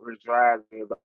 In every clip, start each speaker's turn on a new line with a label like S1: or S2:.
S1: was driving. Like,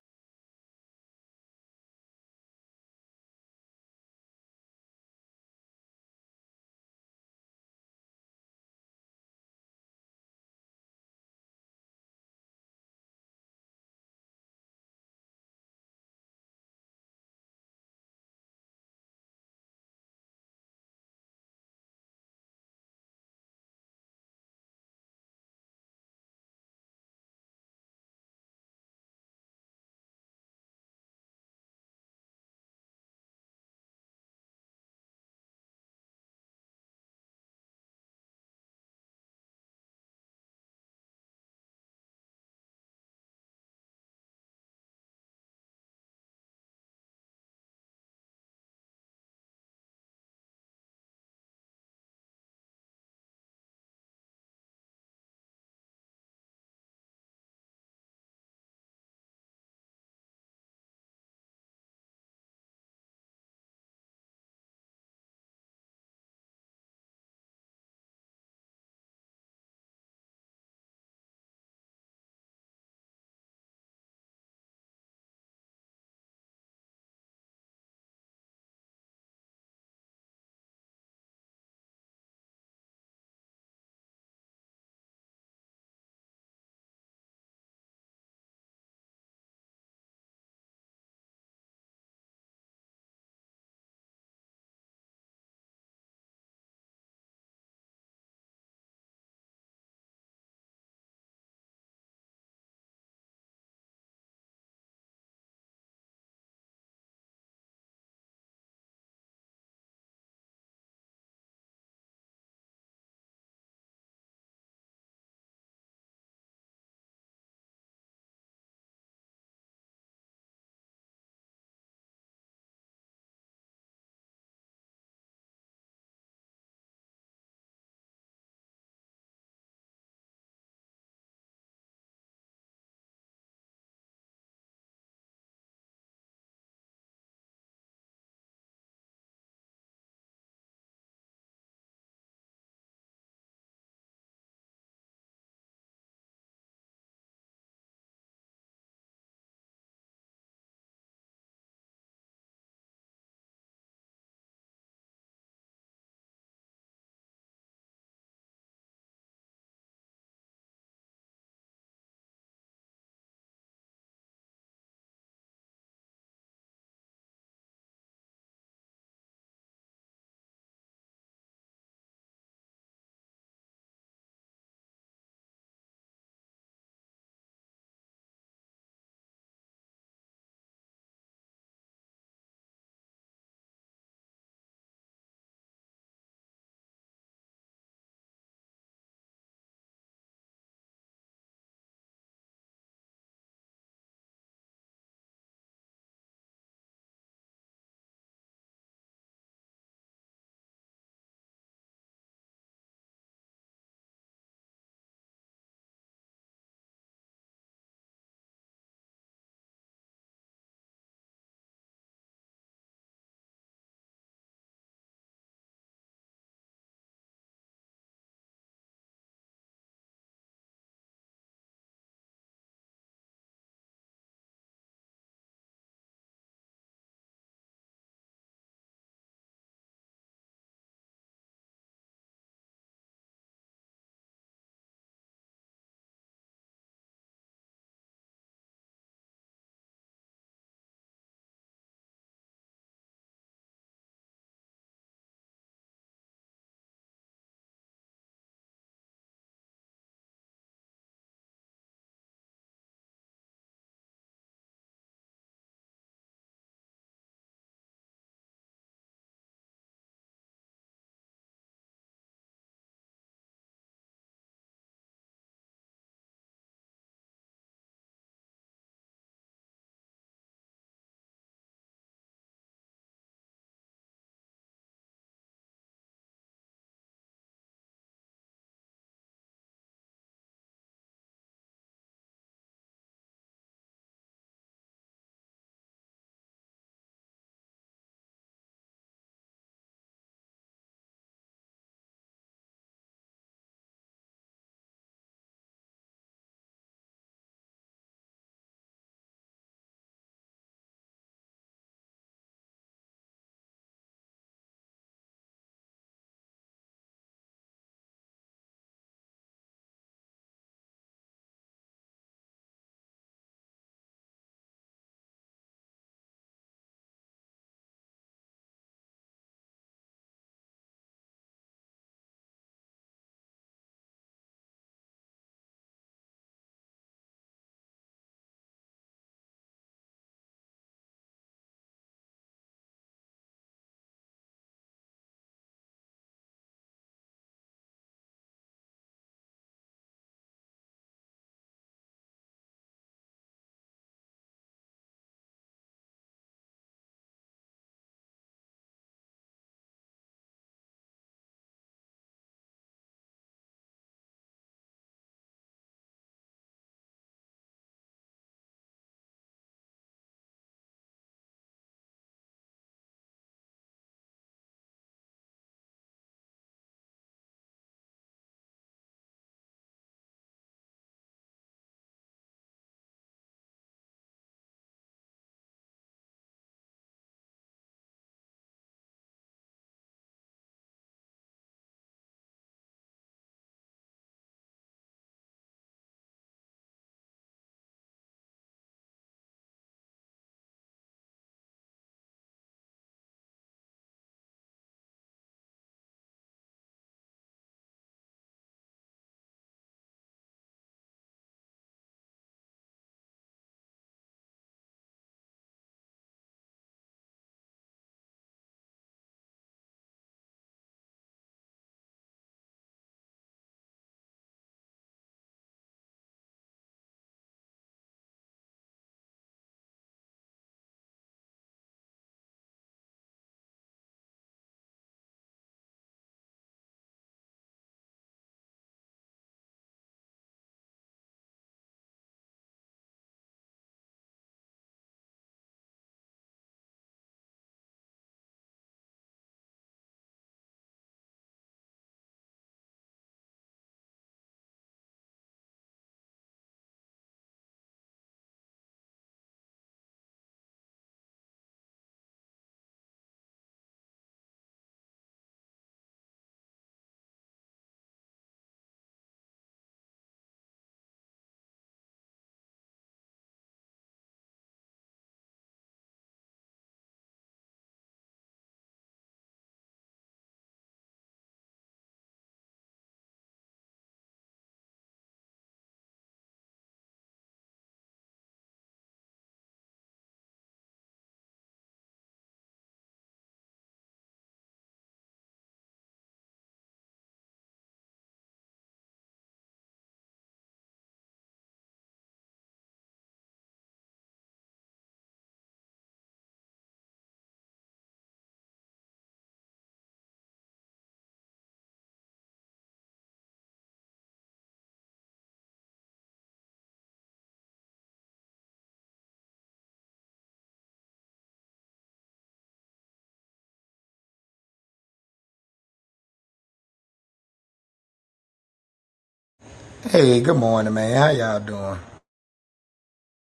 S2: Hey, good morning, man. How y'all doing?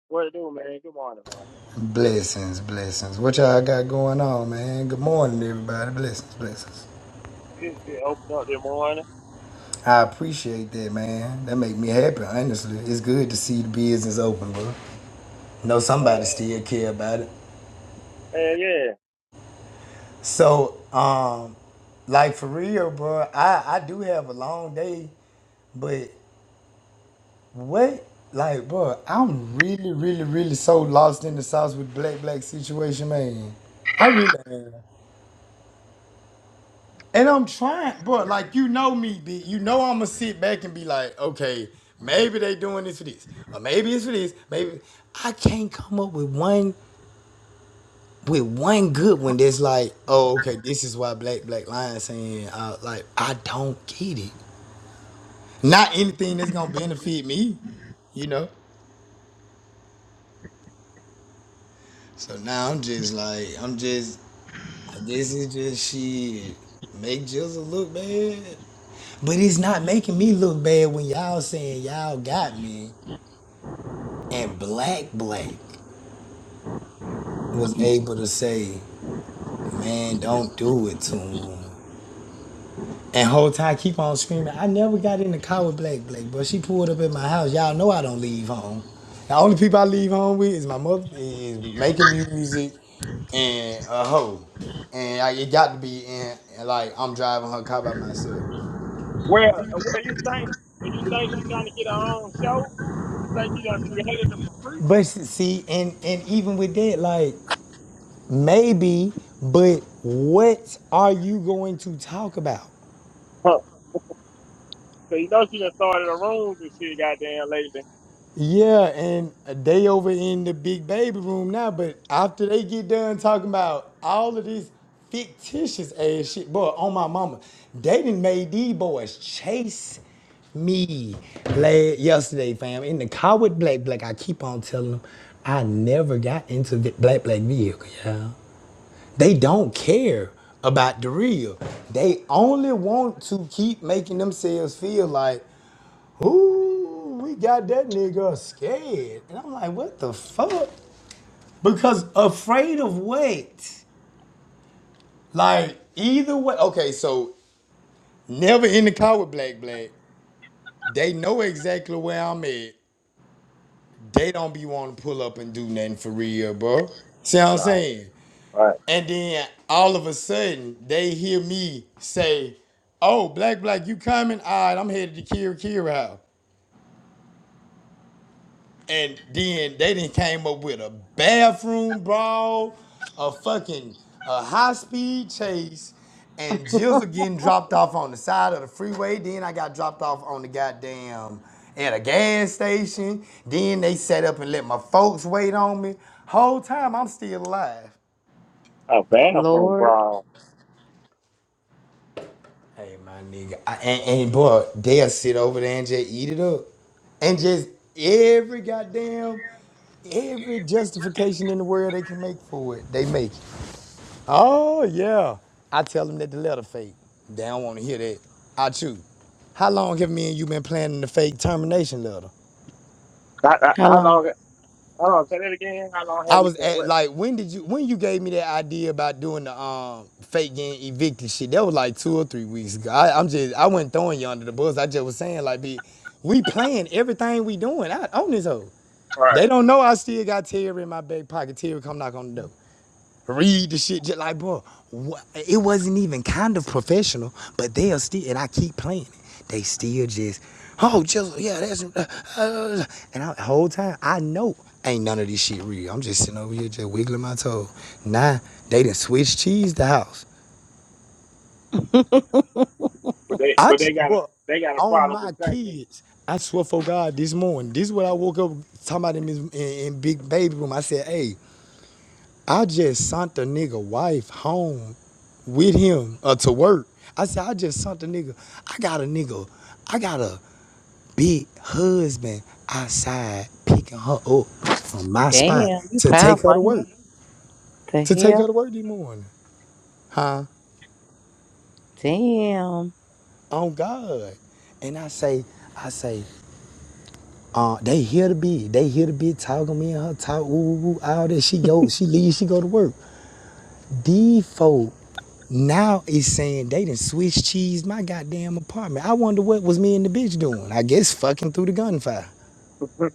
S1: what it do, man? Good morning, man.
S2: Blessings, blessings. What y'all got going on, man? Good morning, everybody. Blessings, blessings.
S1: Just, just open up this morning.
S2: I appreciate that, man. That make me happy, honestly. It's good to see the business open, bro. Know
S1: Yeah.
S2: somebody still care about it.
S1: Hey, yeah.
S2: So, um, like for real, bro, I, I do have a long day, but what, like, bro, I'm really, really, really so lost in the sauce with Black Black situation, man. I really am. And I'm trying, bro. Like you know me, B. You know I'ma sit back and be like, okay, maybe they doing this for this, or maybe it's for this. Maybe I can't come up with one with one good one that's like, oh, okay, this is why Black Black Lion saying, uh, like I don't get it. Not anything that's gonna benefit me, you know. So now I'm just like, I'm just, I guess it's just shit. Make Jizzle look bad. But it's not making me look bad when y'all saying y'all got me. And Black Black was able to say, man, don't do it to him. And whole time I keep on screaming. I never got in the car with Black Black, but she pulled up at my house. Y'all know I don't leave home. The only people I leave home with is my mother is making music and a hoe. And I, it got to be in and like I'm driving her car by myself.
S1: Where, uh, where you think? If you think she's trying to get her own show, you think you done created it for free?
S2: But see, and and even with that, like maybe, but what are you going to talk about?
S1: Huh. So you know she done started her rooms and shit, goddamn lately.
S2: Yeah, and they over in the big baby room now, but after they get done talking about all of this fictitious ass shit, boy, on my mama, they done made these boys chase me last yesterday, fam, in the car with Black Black. I keep on telling them I never got into the Black Black vehicle, y'all. They don't care about the real. They only want to keep making themselves feel like Ooh, we got that nigga scared. And I'm like, what the fuck? Because afraid of what? Like, either way. Okay, so never in the car with Black Black. They know exactly where I'm at. They don't be wanting to pull up and do nothing for real, bro. See what I'm
S1: Nah,
S2: saying?
S1: right.
S2: And then all of a sudden, they hear me say, Oh, Black Black, you coming? All right, I'm headed to Kira Kira house. And then they didn't came up with a bathroom brawl, a fucking a high speed chase, and Jizzle getting dropped off on the side of the freeway. Then I got dropped off on the goddamn at a gas station. Then they set up and let my folks wait on me. Whole time I'm still alive.
S1: How bad from
S3: Lord,
S1: bro?
S2: Hey, my nigga, I, and, and boy, they'll sit over there and just eat it up, and just every goddamn, every justification in the world they can make for it, they make it. Oh yeah, I tell them that the letter fake. They don't want to hear that. I too. How long have me and you been planning the fake termination letter?
S1: How, how
S3: how
S1: how
S3: long?
S1: long? How long? Say that again. How long have
S2: I
S1: we
S2: was
S1: been
S2: at
S1: with?
S2: like when did you when you gave me that idea about doing the um fake getting evicted shit? That was like two or three weeks ago. I, I'm just I wasn't throwing you under the bus. I just was saying like be we playing everything we doing. I own this hoe.
S1: her? All
S2: They
S1: right,
S2: don't know I still got Terry in my back pocket. Terry come knock on the door read the shit just like bro what, it wasn't even kind of professional but they are still and i keep playing it they still just oh just yeah that's uh, uh," and I, the whole time i know ain't none of this shit real i'm just sitting over here just wiggling my toe nah they done switch cheese the house
S1: but they,
S2: I
S1: but they
S2: just,
S1: got a,
S2: bro
S1: they got a
S2: on
S1: problem
S2: my
S1: with content.
S2: kids i swear for god this morning this is what i woke up talking about in, in, in big baby room i said hey I just sent the nigga wife home with him uh, to work. I said, I just sent the nigga. I got a nigga. I got a big husband outside picking her up from my spot
S3: Damn, you
S2: to take her
S3: powerful,
S2: to
S3: ain't it?
S2: work.
S3: The
S2: To take her
S3: hell?
S2: to work this morning. Huh?
S3: Damn.
S2: On God. And I say, I say, uh, they hear the beat. They hear the beat talking me and her talk, ooh, ooh, ooh, all that. She go, she leave, she go to work. The folk now is saying they done Swiss cheese my goddamn apartment. I wonder what was me and the bitch doing. I guess fucking through the gunfire.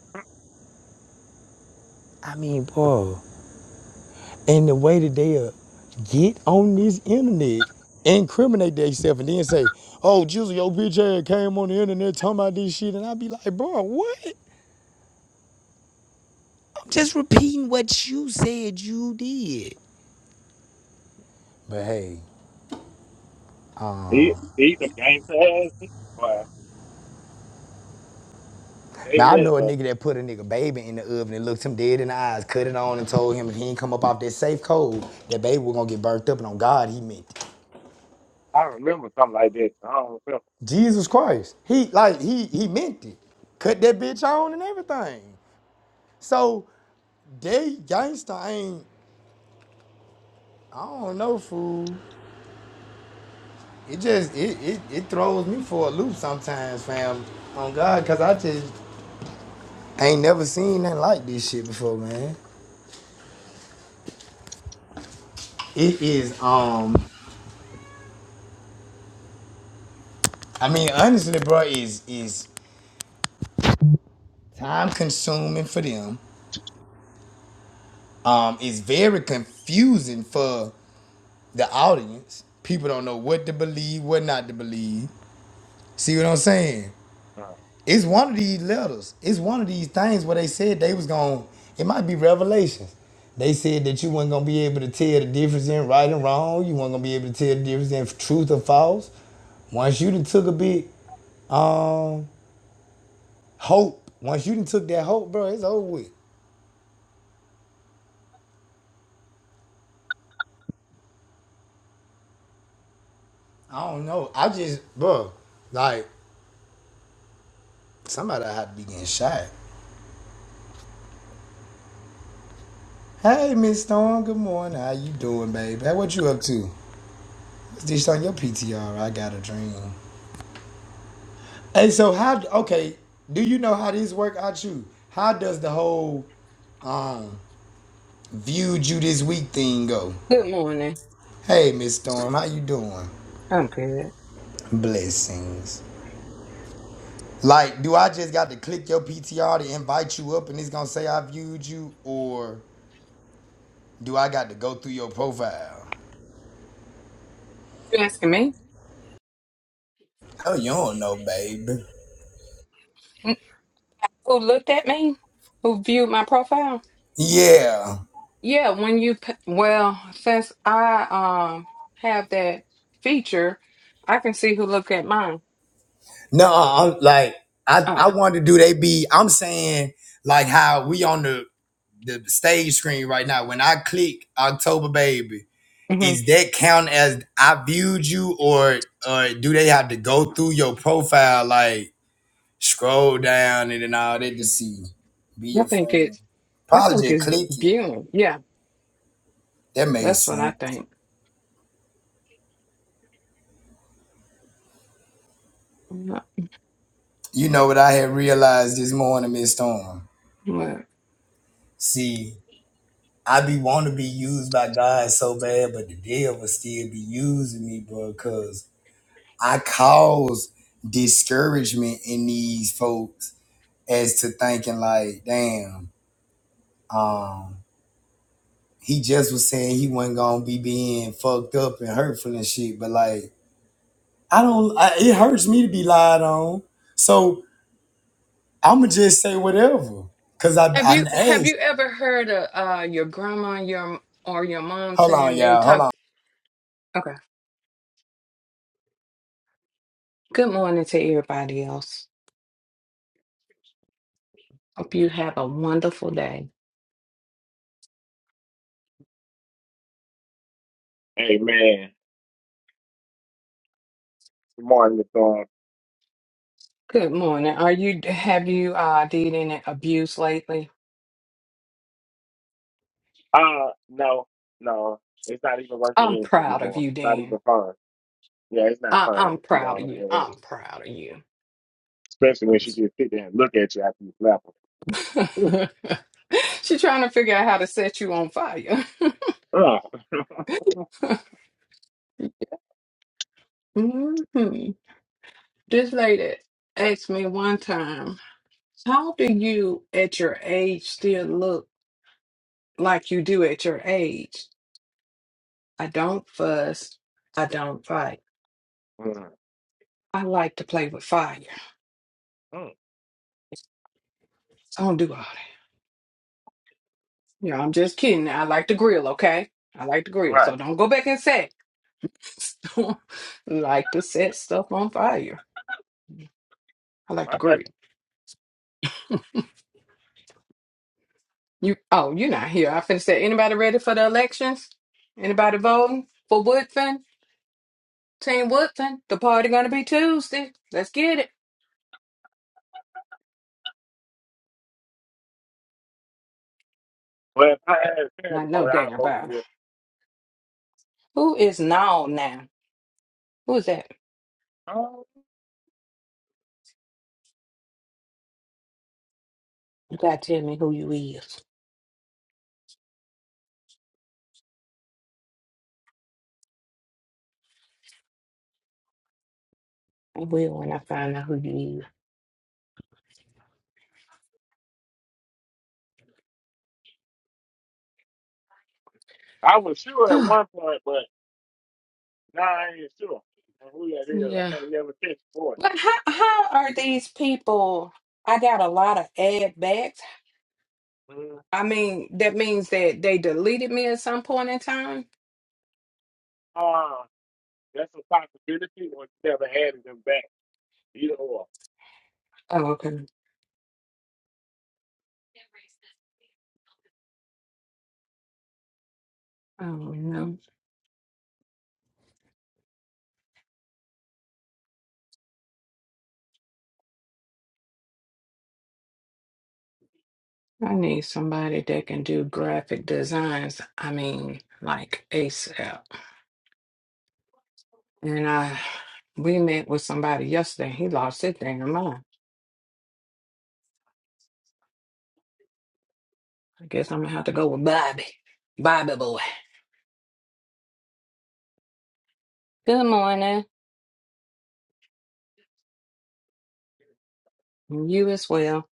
S2: I mean, bro, and the way that they uh, get on this internet, incriminate themselves, and then say, "Oh, Jizzle, your bitch ass came on the internet talking about this shit," and I be like, "Bro, what?" I'm just repeating what you said you did. But hey.
S1: He, he's a game ass. But they
S2: Now I know a
S1: that,
S2: nigga that put a nigga baby in the oven and looked him dead in the eyes, cut it on, and told him if he ain't come up off that safe code, that baby was gonna get burnt up. And on God, he meant it.
S1: I remember something like that. I don't remember.
S2: Jesus Christ, he like he he meant it. Cut that bitch on and everything. So they gangsta ain't. I don't know, fool. It just it it, it throws me for a loop sometimes, fam. On God, cause I just ain't never seen nothing like this shit before, man. It is um I mean honestly bro is is time consuming for them. Um, it's very confusing for the audience. People don't know what to believe, what not to believe. See what I'm saying?
S1: Uh,
S2: It's one of these letters. It's one of these things where they said they was going. to It might be revelations. They said that you weren't gonna be able to tell the difference in right and wrong. You weren't gonna be able to tell the difference in truth or false. Once you done took a bit, um, hope. Once you done took that hope, bro, it's over with. I don't know. I just, bro, like Somebody had to be getting shot. Hey, Miss Storm. Good morning. How you doing, baby? Hey, what you up to? It's this on your PTR. I got a dream. Hey, so how? Okay, do you know how this work out you? How does the whole um viewed you this week thing go?
S4: Good morning.
S2: Hey, Miss Storm. How you doing?
S4: I'm good.
S2: Blessings. Like, do I just got to click your PTR to invite you up, and it's gonna say I viewed you, or do I got to go through your profile?
S4: You asking me?
S2: Oh, you don't know, babe.
S4: N- Who looked at me? Who viewed my profile?
S2: Yeah.
S4: Yeah, when you p- well, since I um have that feature, I can see who looked at mine.
S2: No, I'm like I I
S4: Oh,
S2: wanted to do they be I'm saying like how we on the the stage screen right now. When I click October baby,
S4: hmm
S2: is that count as I viewed you or or do they have to go through your profile like scroll down and then all that to see be
S4: I
S2: your
S4: think
S2: friend?
S4: it's I
S2: Probably
S4: think
S2: just
S4: it's
S2: click it.
S4: viewing. Yeah,
S2: That makes
S4: that's what I
S2: sense.
S4: think. Yeah,
S2: You know what I had realized this morning, Miss Storm.
S4: but-
S2: See, I be want to be used by God so bad, but the devil still be using me, bro, because I cause discouragement in these folks as to thinking like, damn, um, he just was saying he wasn't gonna be being fucked up and hurtful and shit, but like, I don't, I, it hurts me to be lied on, so I'ma just say whatever, cause I
S4: Have
S2: I
S4: you have
S2: asked.
S4: you ever heard of uh your grandma, your or your mom
S2: Hold on,
S4: saying they
S2: y'all. Hold on.
S4: talk? Okay. Good morning to everybody else. Hope you have a wonderful day.
S1: Hey man, good morning, Miss Dawn.
S4: Good morning. Are you have you uh did any abuse lately?
S1: Uh no, no, it's not even worth the
S4: I'm
S1: energy
S4: proud of
S1: anymore.
S4: you,
S1: Not even
S4: Dan.
S1: fun. Yeah, it's not
S4: I,
S1: fun.
S4: I'm
S1: if You
S4: proud of
S1: don't
S4: you. I'm proud of you.
S1: especially when she
S4: I'm
S1: just sit there and look at you after you slap her. Ooh,
S4: s- She's trying to figure out how to set you on fire.
S1: Uh.
S4: hmm This lady asked me one time, "How do you at your age still look like you do at your age?" I don't fuss. I don't fight.
S1: Mm,
S4: I like to play with fire.
S1: mm,
S4: I don't do all that. Yeah, I'm just kidding. I like to grill, okay? I like to grill.
S1: right.
S4: So don't go back and say don't like to set stuff on fire. I like
S1: I
S4: to
S1: bet.
S4: grill. You oh, you're not here. I finna say anybody ready for the elections? Anybody voting for Woodfin? Team Woodfin? The party gonna be Tuesday. Let's get it.
S1: Well, if I had a chance
S4: I
S1: to
S4: know
S1: vote, I'd
S4: damn
S1: vote for
S4: about it.
S1: Wood.
S4: Who is now now? Who is that?
S1: Oh,
S4: You gotta tell me who you is. I will when I find out who you
S1: I was sure at
S4: is.
S1: one point, but now I ain't sure on who that is. I
S4: yeah.
S1: can't never pick for
S4: But how how are these people? I got a lot of ad backs.
S1: it.
S4: I mean, that means that they deleted me at some point in time.
S1: Mm. That's a possibility, or you never added them back. Either or.
S4: Oh, okay. Oh no. I need somebody that can do graphic designs. I mean, like ASAP. And I we met with somebody yesterday. He lost his thing of mine. I guess I'm gonna have to go with Bobby. Bobby boy. Good morning. You as well.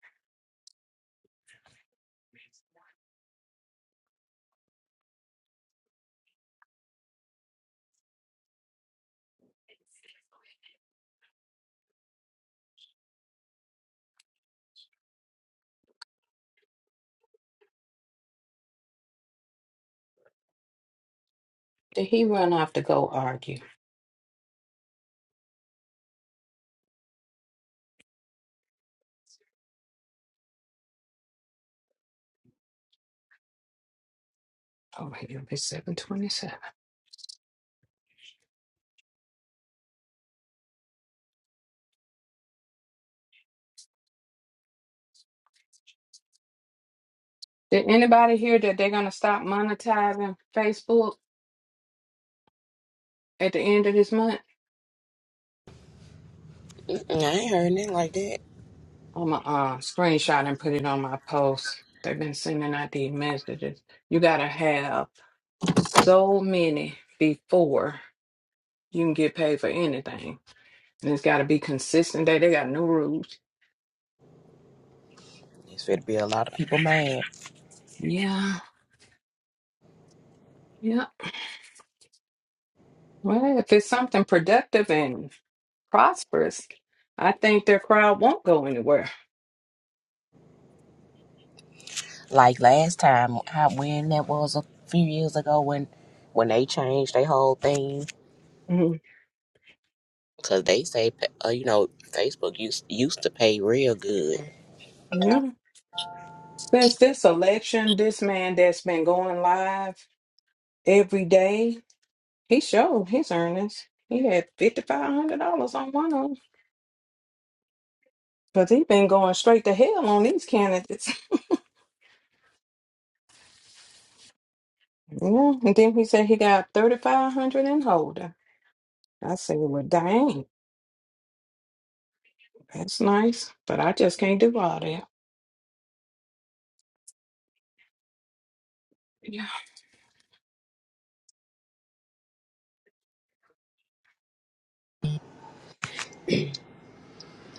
S4: Did he run off to go argue? Oh, here it's 727. Did anybody hear that they're gonna stop monetizing Facebook at the end of this month?
S5: I ain't heard nothing like that.
S4: I'm gonna uh, screenshot and put it on my post. They've been sending out these messages. You gotta have so many before you can get paid for anything, and it's gotta be consistent. They they got new rules.
S5: There's going to be a lot of people mad.
S4: Yeah, yeah. Well, if it's something productive and prosperous, I think their crowd won't go anywhere.
S5: Like last time, how when that was a few years ago when when they changed their whole thing
S4: Mhm.
S5: because they say uh, you know Facebook used used to pay real good.
S4: Yeah. Since this election, this man that's been going live every day, he showed his earnings. He had fifty five hundred dollars on one of them. Cause he been going straight to hell on these candidates. Yeah. And then he said he got thirty five hundred in holding. I said, Well dang, that's nice. But I just can't do all that. Yeah.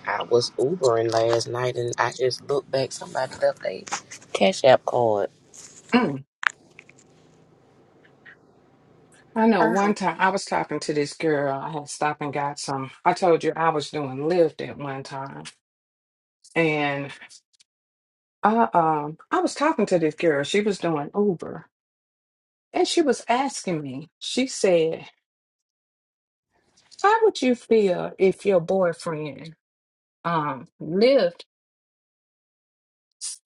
S5: I was Ubering last night and I just looked back. Somebody left their Cash App card.
S4: Mm. I know one time I was talking to this girl. I had stopped and got some. I told you I was doing Lyft at one time. I um I was talking to this girl. She was doing Uber, and she was asking me. She said, "How would you feel if your boyfriend um lived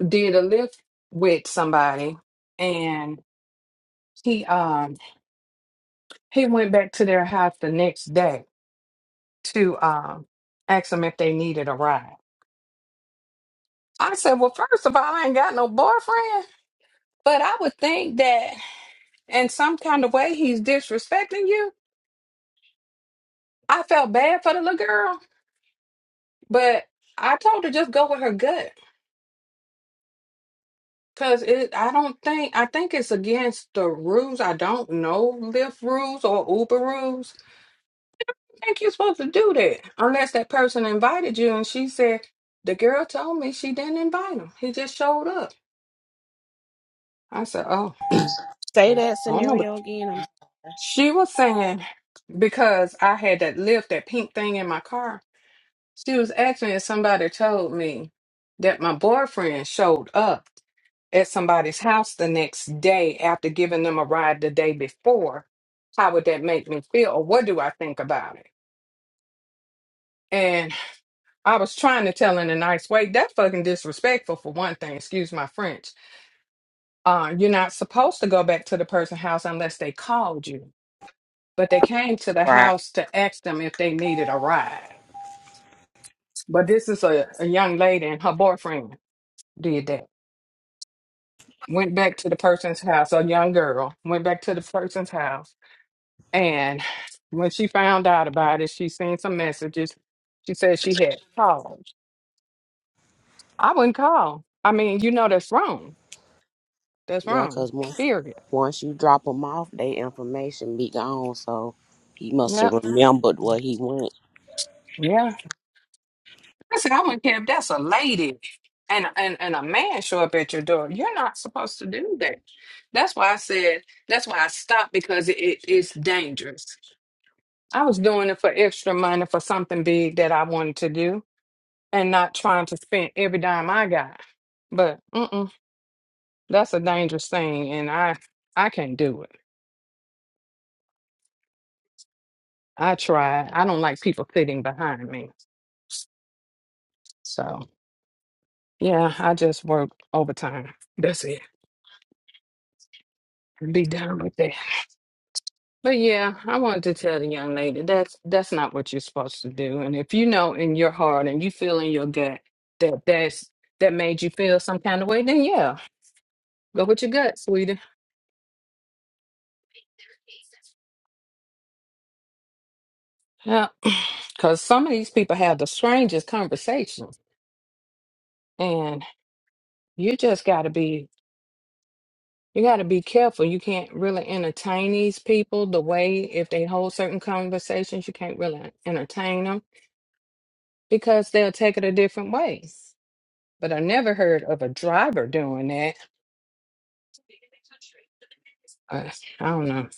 S4: did a lift with somebody, and he um he went back to their house the next day to um ask them if they needed a ride?" I said, "Well, first of all, I ain't got no boyfriend, but I would think that in some kind of way he's disrespecting you." I felt bad for the little girl But I told her just go with her gut. Cause it, I don't think I think it's against the rules. I don't know Lyft rules or Uber rules. I think you're supposed to do that unless that person invited you. And she said the girl told me she didn't invite him. He just showed up. I said, oh,
S5: Say that
S4: I don't know, but
S5: scenario again. I'm
S4: she was saying because I had that Lyft, that pink thing in my car. She was asking if somebody told me that my boyfriend showed up. at somebody's house the next day after giving them a ride the day before, how would that make me feel? Or what do I think about it? And I was trying to tell in a nice way, that's fucking disrespectful for one thing, excuse my French. Uh, you're not supposed to go back to the person's house unless they called you. But they came to the
S5: Right.
S4: house to ask them if they needed a ride. But this is a, a young lady and her boyfriend did that. Went back to the person's house, a young girl, went back to the person's house And when she found out about it, she sent some messages. She said she had called. I wouldn't call. I mean, you know that's wrong. That's
S5: Yeah,
S4: wrong.
S5: because once,
S4: Period.
S5: once you drop them off, their information be gone. So he must have
S4: Yep.
S5: remembered where he went.
S4: Yeah. I said I wouldn't care if that's a lady and and and a man show up at your door. You're not supposed to do that. That's why I said. That's why I stopped because it, it it's dangerous. I was doing it for extra money for something big that I wanted to do and not trying to spend every dime I got. But mm-mm. That's a dangerous thing, and I I can't do it. I try. I don't like people sitting behind me. So yeah, I just work overtime. That's it. Be done with that. But yeah, I wanted to tell the young lady that's that's not what you're supposed to do. And if you know in your heart and you feel in your gut that that's that made you feel some kind of way, then yeah, go with your gut, sweetie. Yeah, because some of these people have the strangest conversations, and you just got to be You got to be careful. You can't really entertain these people the way if they hold certain conversations, you can't really entertain them because they'll take it a different way. But I never heard of a driver doing that. I, I don't know.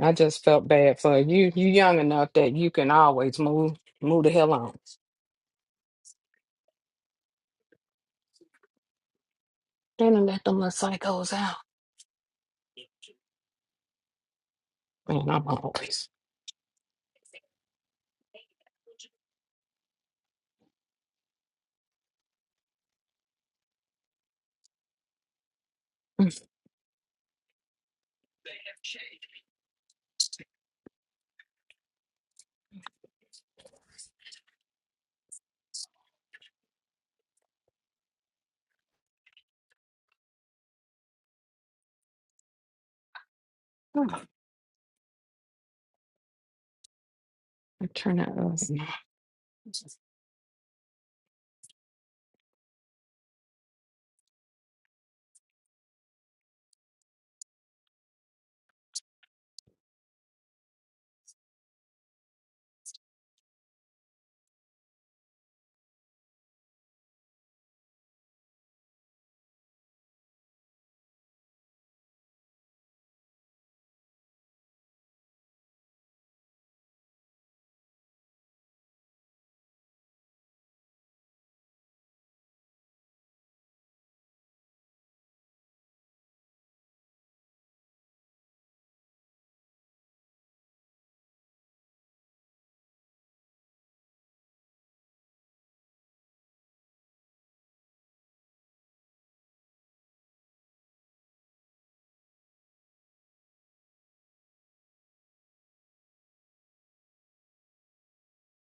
S4: I just felt bad for you. You young enough that you can always move move the hell on. Then I let them little psychos out. Man, I'm always. Mm. Oh, I turn that off.